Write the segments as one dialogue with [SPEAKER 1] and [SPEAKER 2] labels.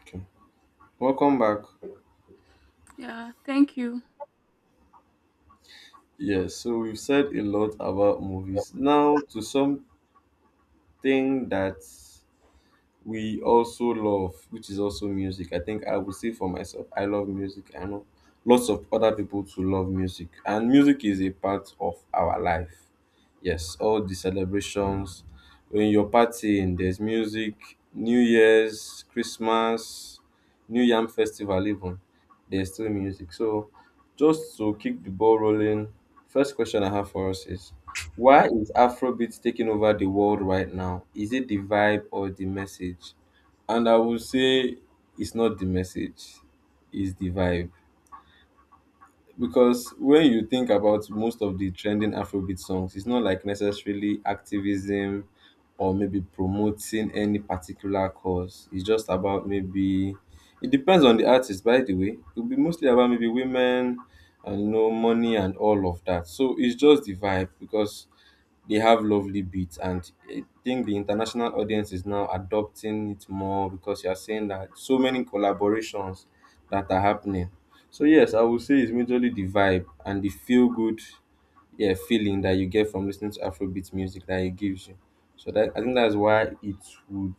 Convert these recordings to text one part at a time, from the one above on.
[SPEAKER 1] Okay. Welcome back.
[SPEAKER 2] Yeah, thank you.
[SPEAKER 1] Yes, so we've said a lot about movies. Now to something that we also love, which is also music. I think I would say for myself, I love music. I know lots of other people to love music, and music is a part of our life. Yes, all the celebrations when you're partying, there's music, New Year's, Christmas, New Yam Festival, even there's still music. So, just to keep the ball rolling, first question I have for us is why is Afrobeat taking over the world right now? Is it the vibe or the message? And I would say it's not the message, it's the vibe. Because when you think about most of the trending Afrobeat songs, it's not like necessarily activism or maybe promoting any particular cause. It's just about maybe, it depends on the artist, by the way. It will be mostly about maybe women and you know, money and all of that. So it's just the vibe because they have lovely beats, and I think the international audience is now adopting it more because you are saying that so many collaborations that are happening. So yes, I would say it's majorly the vibe and the feel good, yeah, feeling that you get from listening to Afrobeat music that it gives you. So that I think that's why it would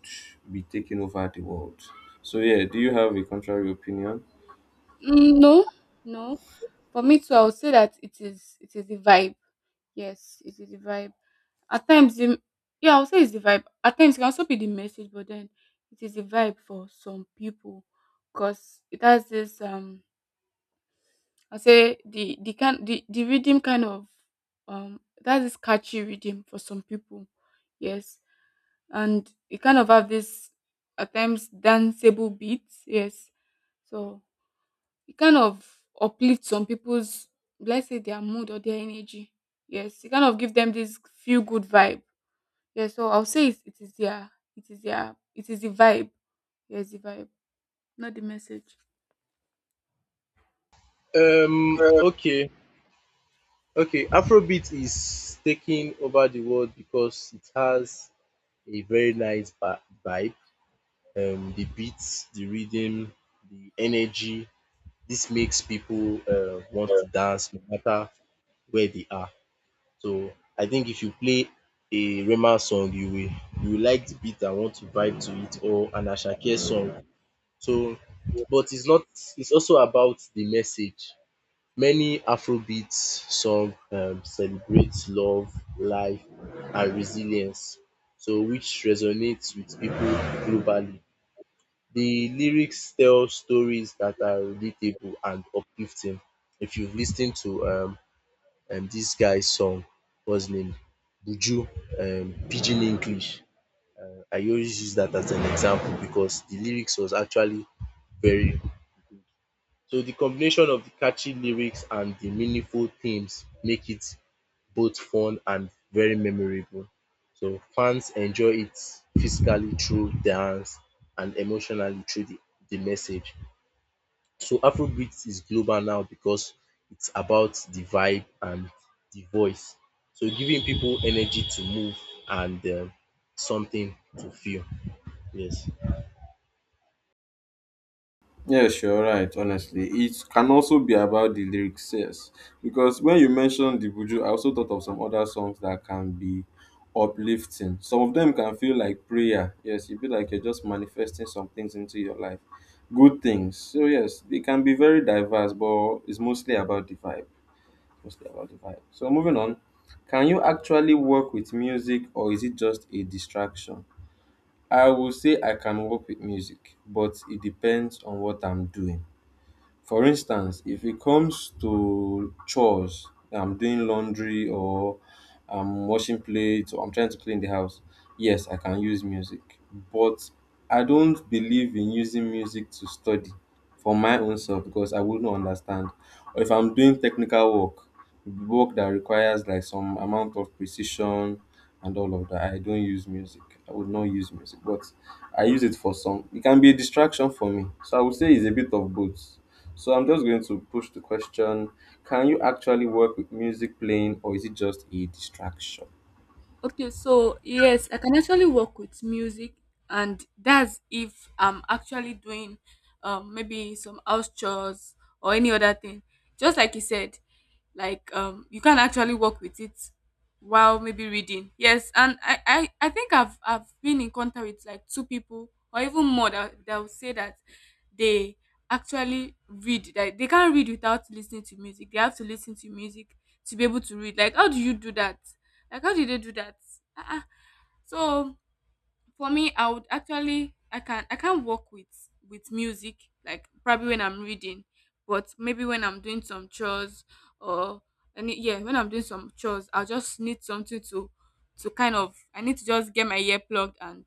[SPEAKER 1] be taking over the world. So yeah, do you have a contrary opinion?
[SPEAKER 2] Mm, no, no. For me too, I would say that it is the vibe. Yes, it is the vibe. At times, I would say it's the vibe. At times, it can also be the message, but then it is the vibe for some people, because it has this. I say the rhythm kind of that is catchy rhythm for some people. Yes, and it kind of have this at times danceable beats. Yes, so it kind of uplifts some people's, let's say, their mood or their energy. Yes, it kind of give them this feel good vibe. Yes, so I'll say it, it is their it is their it is the vibe. Yes, the vibe, not the message.
[SPEAKER 3] Um, okay, okay. Afrobeat is taking over the world because it has a very nice vibe. The beats, the rhythm, the energy. This makes people want to dance no matter where they are. So I think if you play a Rema song, you will like the beat and want to vibe to it, or an Ashake song. So, but it's not. It's also about the message. Many Afrobeat songs celebrate love, life and resilience, so which resonates with people globally. The lyrics tell stories that are relatable and uplifting. If you've listened to this guy's song, what's his name? Buju, Pidgin English. I always use that as an example because the lyrics was actually very. So the combination of the catchy lyrics and the meaningful themes make it both fun and very memorable. So fans enjoy it physically through dance and emotionally through the message. So Afrobeat is global now because it's about the vibe and the voice. So giving people energy to move and something to feel. Yes.
[SPEAKER 1] Yes, you're right, honestly. It can also be about the lyrics, yes. Because when you mentioned the Buju, I also thought of some other songs that can be uplifting. Some of them can feel like prayer. Yes, you feel like you're just manifesting some things into your life. Good things. So yes, they can be very diverse, but it's mostly about the vibe. Mostly about the vibe. So moving on. Can you actually work with music or is it just a distraction? I will say I can work with music, but it depends on what I'm doing. For instance, if it comes to chores, I'm doing laundry or I'm washing plates or I'm trying to clean the house, yes, I can use music. But I don't believe in using music to study for my own self because I wouldn't understand. Or if I'm doing technical work, work that requires like some amount of precision and all of that, I don't use music. I would not use music, but I use it for some. It can be a distraction for me. So I would say it's a bit of both, so I'm just going to push the question. Can you actually work with music playing or is it just a distraction?
[SPEAKER 2] Okay, so yes, I can actually work with music, and that's if I'm actually doing, maybe some house chores or any other thing. Just like you said, like, you can actually work with it while maybe reading. Yes, and I think I've been in contact with like two people or even more that will say that they actually read, that they can't read without listening to music. They have to listen to music to be able to read. Like, how do you do that? Like how did they do that? Uh-uh. So for me, I would actually I can I can't work with music like probably when I'm reading, but maybe when I'm doing some chores or any yeah, when I'm doing some chores, I'll just need something to kind of, I need to just get my ear plugged and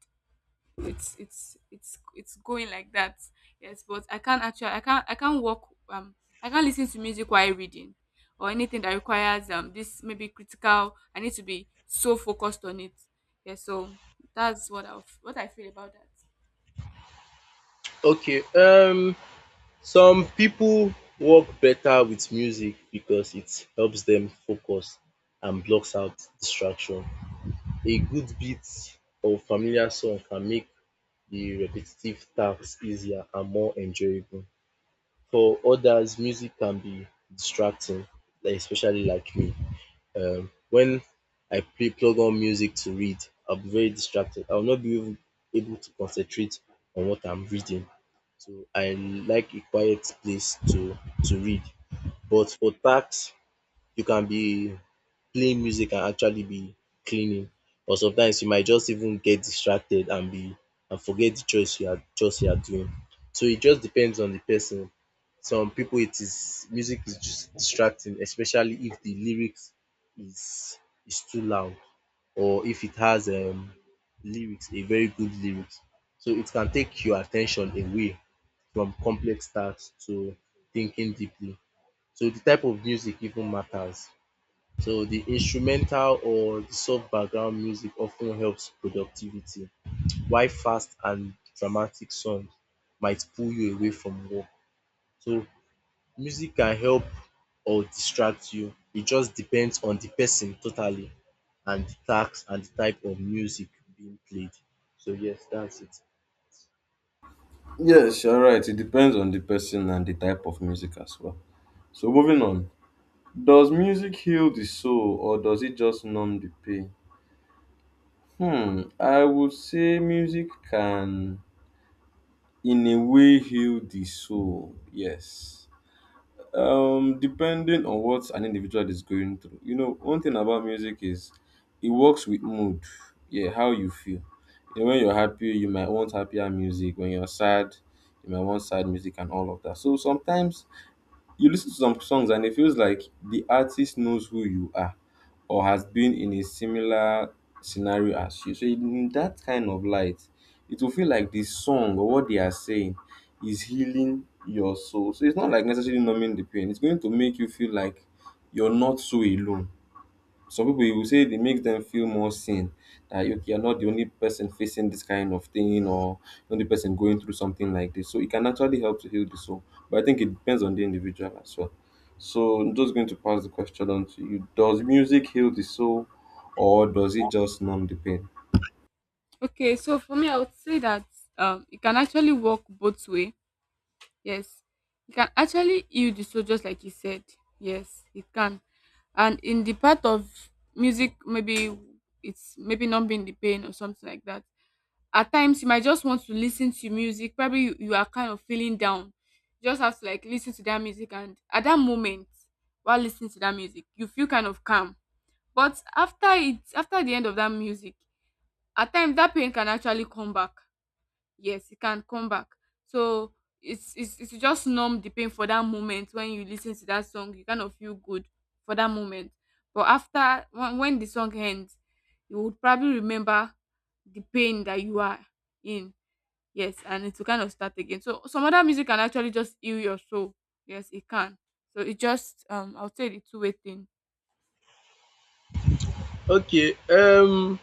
[SPEAKER 2] it's going like that. Yes, but I can't work, um I can't listen to music while reading or anything that requires, this maybe critical, I need to be so focused on it. Yeah, so that's what I feel about that.
[SPEAKER 3] Okay. Some people work better with music because it helps them focus and blocks out distraction. A good bit of familiar song can make the repetitive tasks easier and more enjoyable. For others, music can be distracting, like especially like me. When I play plug on music to read, I'll be very distracted. I'll not be able to concentrate on what I'm reading. So I like a quiet place to read. But for tasks you can be playing music and actually be cleaning, or sometimes you might just even get distracted and be and forget the chores you are doing. So it just depends on the person. Some people, it is music is just distracting, especially if the lyrics is is too loud, or if it has lyrics, a very good lyrics. So it can take your attention away from complex tasks to thinking deeply. So the type of music even matters. So the instrumental or the soft background music often helps productivity, while fast and dramatic songs might pull you away from work. So music can help or distract you. It just depends on the person totally, and the task and the type of music being played. So yes, that's it.
[SPEAKER 1] Yes, you're right. It depends on the person and the type of music as well. So moving on. Does music heal the soul or does it just numb the pain? Hmm, I would say music can in a way heal the soul. Yes. Depending on what an individual is going through. You know, one thing about music is it works with mood. Yeah, how you feel. You know, when you're happy, you might want happier music. When you're sad, you might want sad music and all of that. So sometimes you listen to some songs and it feels like the artist knows who you are or has been in a similar scenario as you. So in that kind of light, it will feel like the song or what they are saying is healing your soul. So it's not like necessarily numbing the pain. It's going to make you feel like you're not so alone. Some people you will say it makes them feel more seen, that you're not the only person facing this kind of thing or the only person going through something like this, so it can actually help to heal the soul, but I think it depends on the individual as well. So I'm just going to pass the question on to you. Does music heal the soul or does it just numb the pain?
[SPEAKER 2] Okay, so for me, I would say that, it can actually work both ways. Yes, it can actually heal the soul, just like you said. Yes, it can. And in the part of music, maybe it's maybe numbing the pain or something like that. At times, you might just want to listen to music. Probably you are kind of feeling down. You just have to like listen to that music, and at that moment, while listening to that music, you feel kind of calm. But after it, after the end of that music, at times that pain can actually come back. Yes, it can come back. So it's just numb the pain for that moment. When you listen to that song, you kind of feel good for that moment, but after, when the song ends, you would probably remember the pain that you are in. Yes, and it will kind of start again. So some other music can actually just heal your soul. Yes, it can. So it just, I'll say the two-way thing.
[SPEAKER 3] Okay,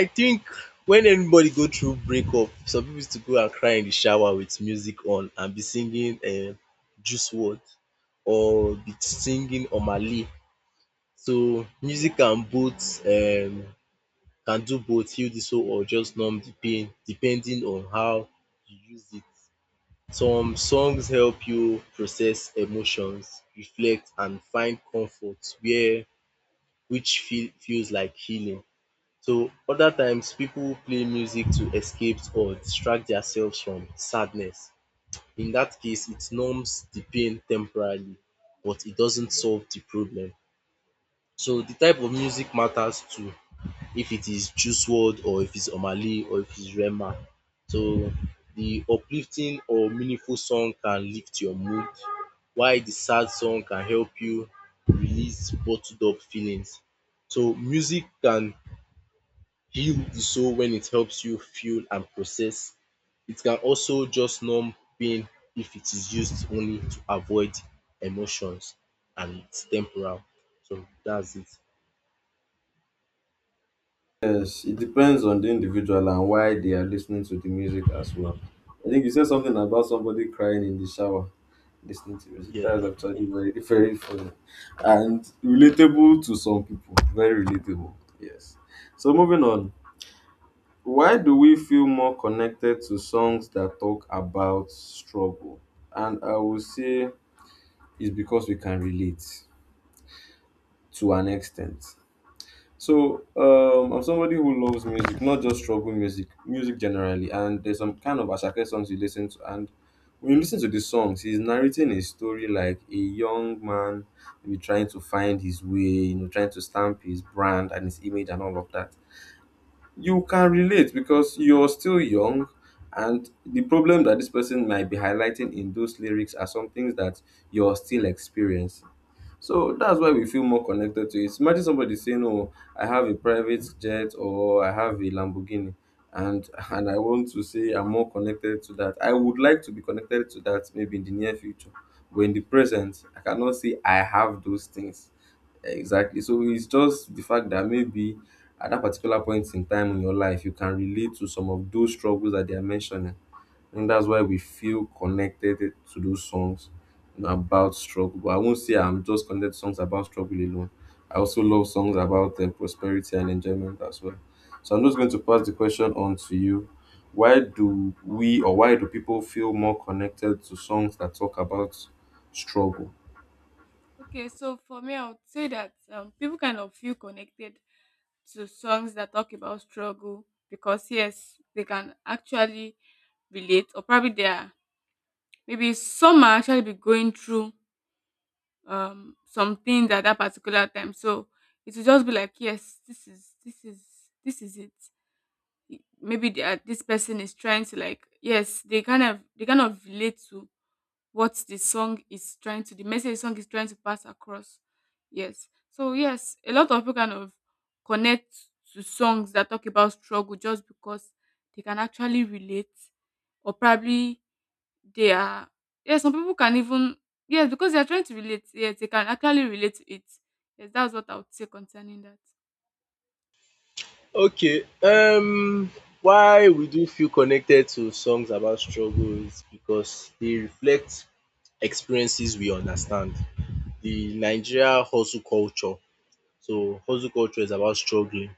[SPEAKER 3] I think when anybody go through breakup, some people used to go and cry in the shower with music on and be singing Juice WRLD or be singing Omale. So music can both can do both heal the soul or just numb the pain depending on how you use it. Some songs help you process emotions, reflect and find comfort, where which feels like healing. So other times, people play music to escape or distract themselves from sadness. In that case, it numbs the pain temporarily, but it doesn't solve the problem. So the type of music matters too, if it is Juice WRLD or if it's Omali or if it's Rema. So the uplifting or meaningful song can lift your mood, while the sad song can help you release bottled up feelings. So music can heal the soul when it helps you feel and process. It can also just numb pain if it is used only to avoid emotions, and it's temporal. So that's it.
[SPEAKER 1] Yes, it depends on the individual and why they are listening to the music as well. I think you said something about somebody crying in the shower listening to music.
[SPEAKER 3] Yeah.
[SPEAKER 1] That is actually very, very funny and relatable to some people. Very relatable, yes. So, moving on, why do we feel more connected to songs that talk about struggle? And I will say it's because we can relate to an extent. So I'm somebody who loves music, not just trouble music, music generally. And there's some kind of Ashake songs you listen to, and when you listen to the songs, he's narrating a story like a young man maybe trying to find his way, you know, trying to stamp his brand and his image and all of that. You can relate because you're still young, and the problem that this person might be highlighting in those lyrics are some things that you're still experiencing. So that's why we feel more connected to it. Imagine somebody saying, "Oh, I have a private jet or I have a Lamborghini," and and I want to say I'm more connected to that. I would like to be connected to that maybe in the near future, but in the present, I cannot say I have those things exactly. So it's just the fact that maybe at that particular point in time in your life, you can relate to some of those struggles that they are mentioning. And that's why we feel connected to those songs, you know, about struggle. But I won't say I'm just connected to songs about struggle alone. I also love songs about prosperity and enjoyment as well. So I'm just going to pass the question on to you. Why do we or why do people feel more connected to songs that talk about struggle?
[SPEAKER 2] Okay, so for me, I would say that, people kind of feel connected to songs that talk about struggle because yes, they can actually relate, or probably they are, maybe some might actually be going through, something at that particular time. So it will just be like, yes, this is it. Maybe they are, this person is trying to like, yes, they kind of relate to what the song is trying to, the message the song is trying to pass across. Yes. So yes, a lot of people kind of connect to songs that talk about struggle just because they can actually relate, or probably they are, yes, some people can even, yes, because they are trying to relate, yes, they can actually relate to it. Yes, that's what I would say concerning that.
[SPEAKER 3] Okay. Why we do feel connected to songs about struggle is because they reflect experiences we understand. The Nigeria hustle culture. So hustle culture is about struggling.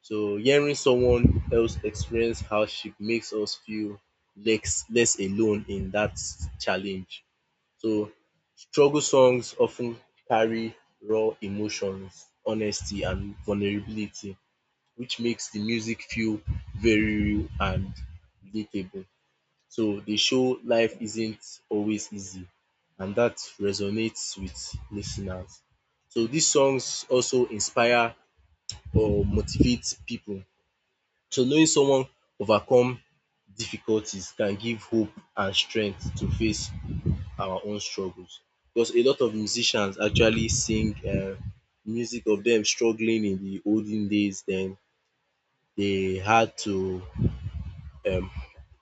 [SPEAKER 3] So hearing someone else experience hardship makes us feel less alone in that challenge. So struggle songs often carry raw emotions, honesty and vulnerability, which makes the music feel very real and relatable. So they show life isn't always easy, and that resonates with listeners. So these songs also inspire or motivate people. So knowing someone overcome difficulties can give hope and strength to face our own struggles, because a lot of musicians actually sing music of dem struggling in the olden days den they had to um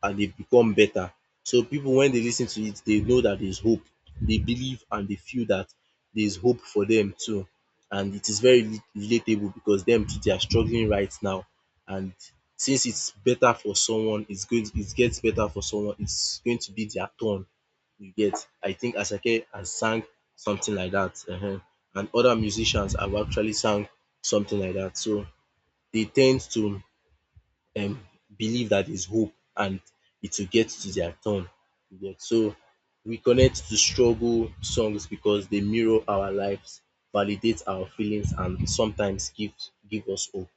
[SPEAKER 3] and they become better. So people when they listen to it, they know that there is hope, they believe and they feel that there is hope for them too, and it is very relatable, because them too they are struggling right now. And since it gets better for someone, it's going to be their turn, you get. I think Asake has sang something like that, and other musicians have actually sang something like that, so they tend to um believe that there's hope and it will get to their turn. You So we connect to struggle songs because they mirror our lives, validate our feelings, and sometimes give us hope.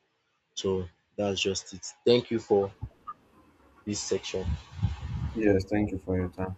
[SPEAKER 3] So that's just it. Thank you for this section.
[SPEAKER 1] Yes, thank you for your time.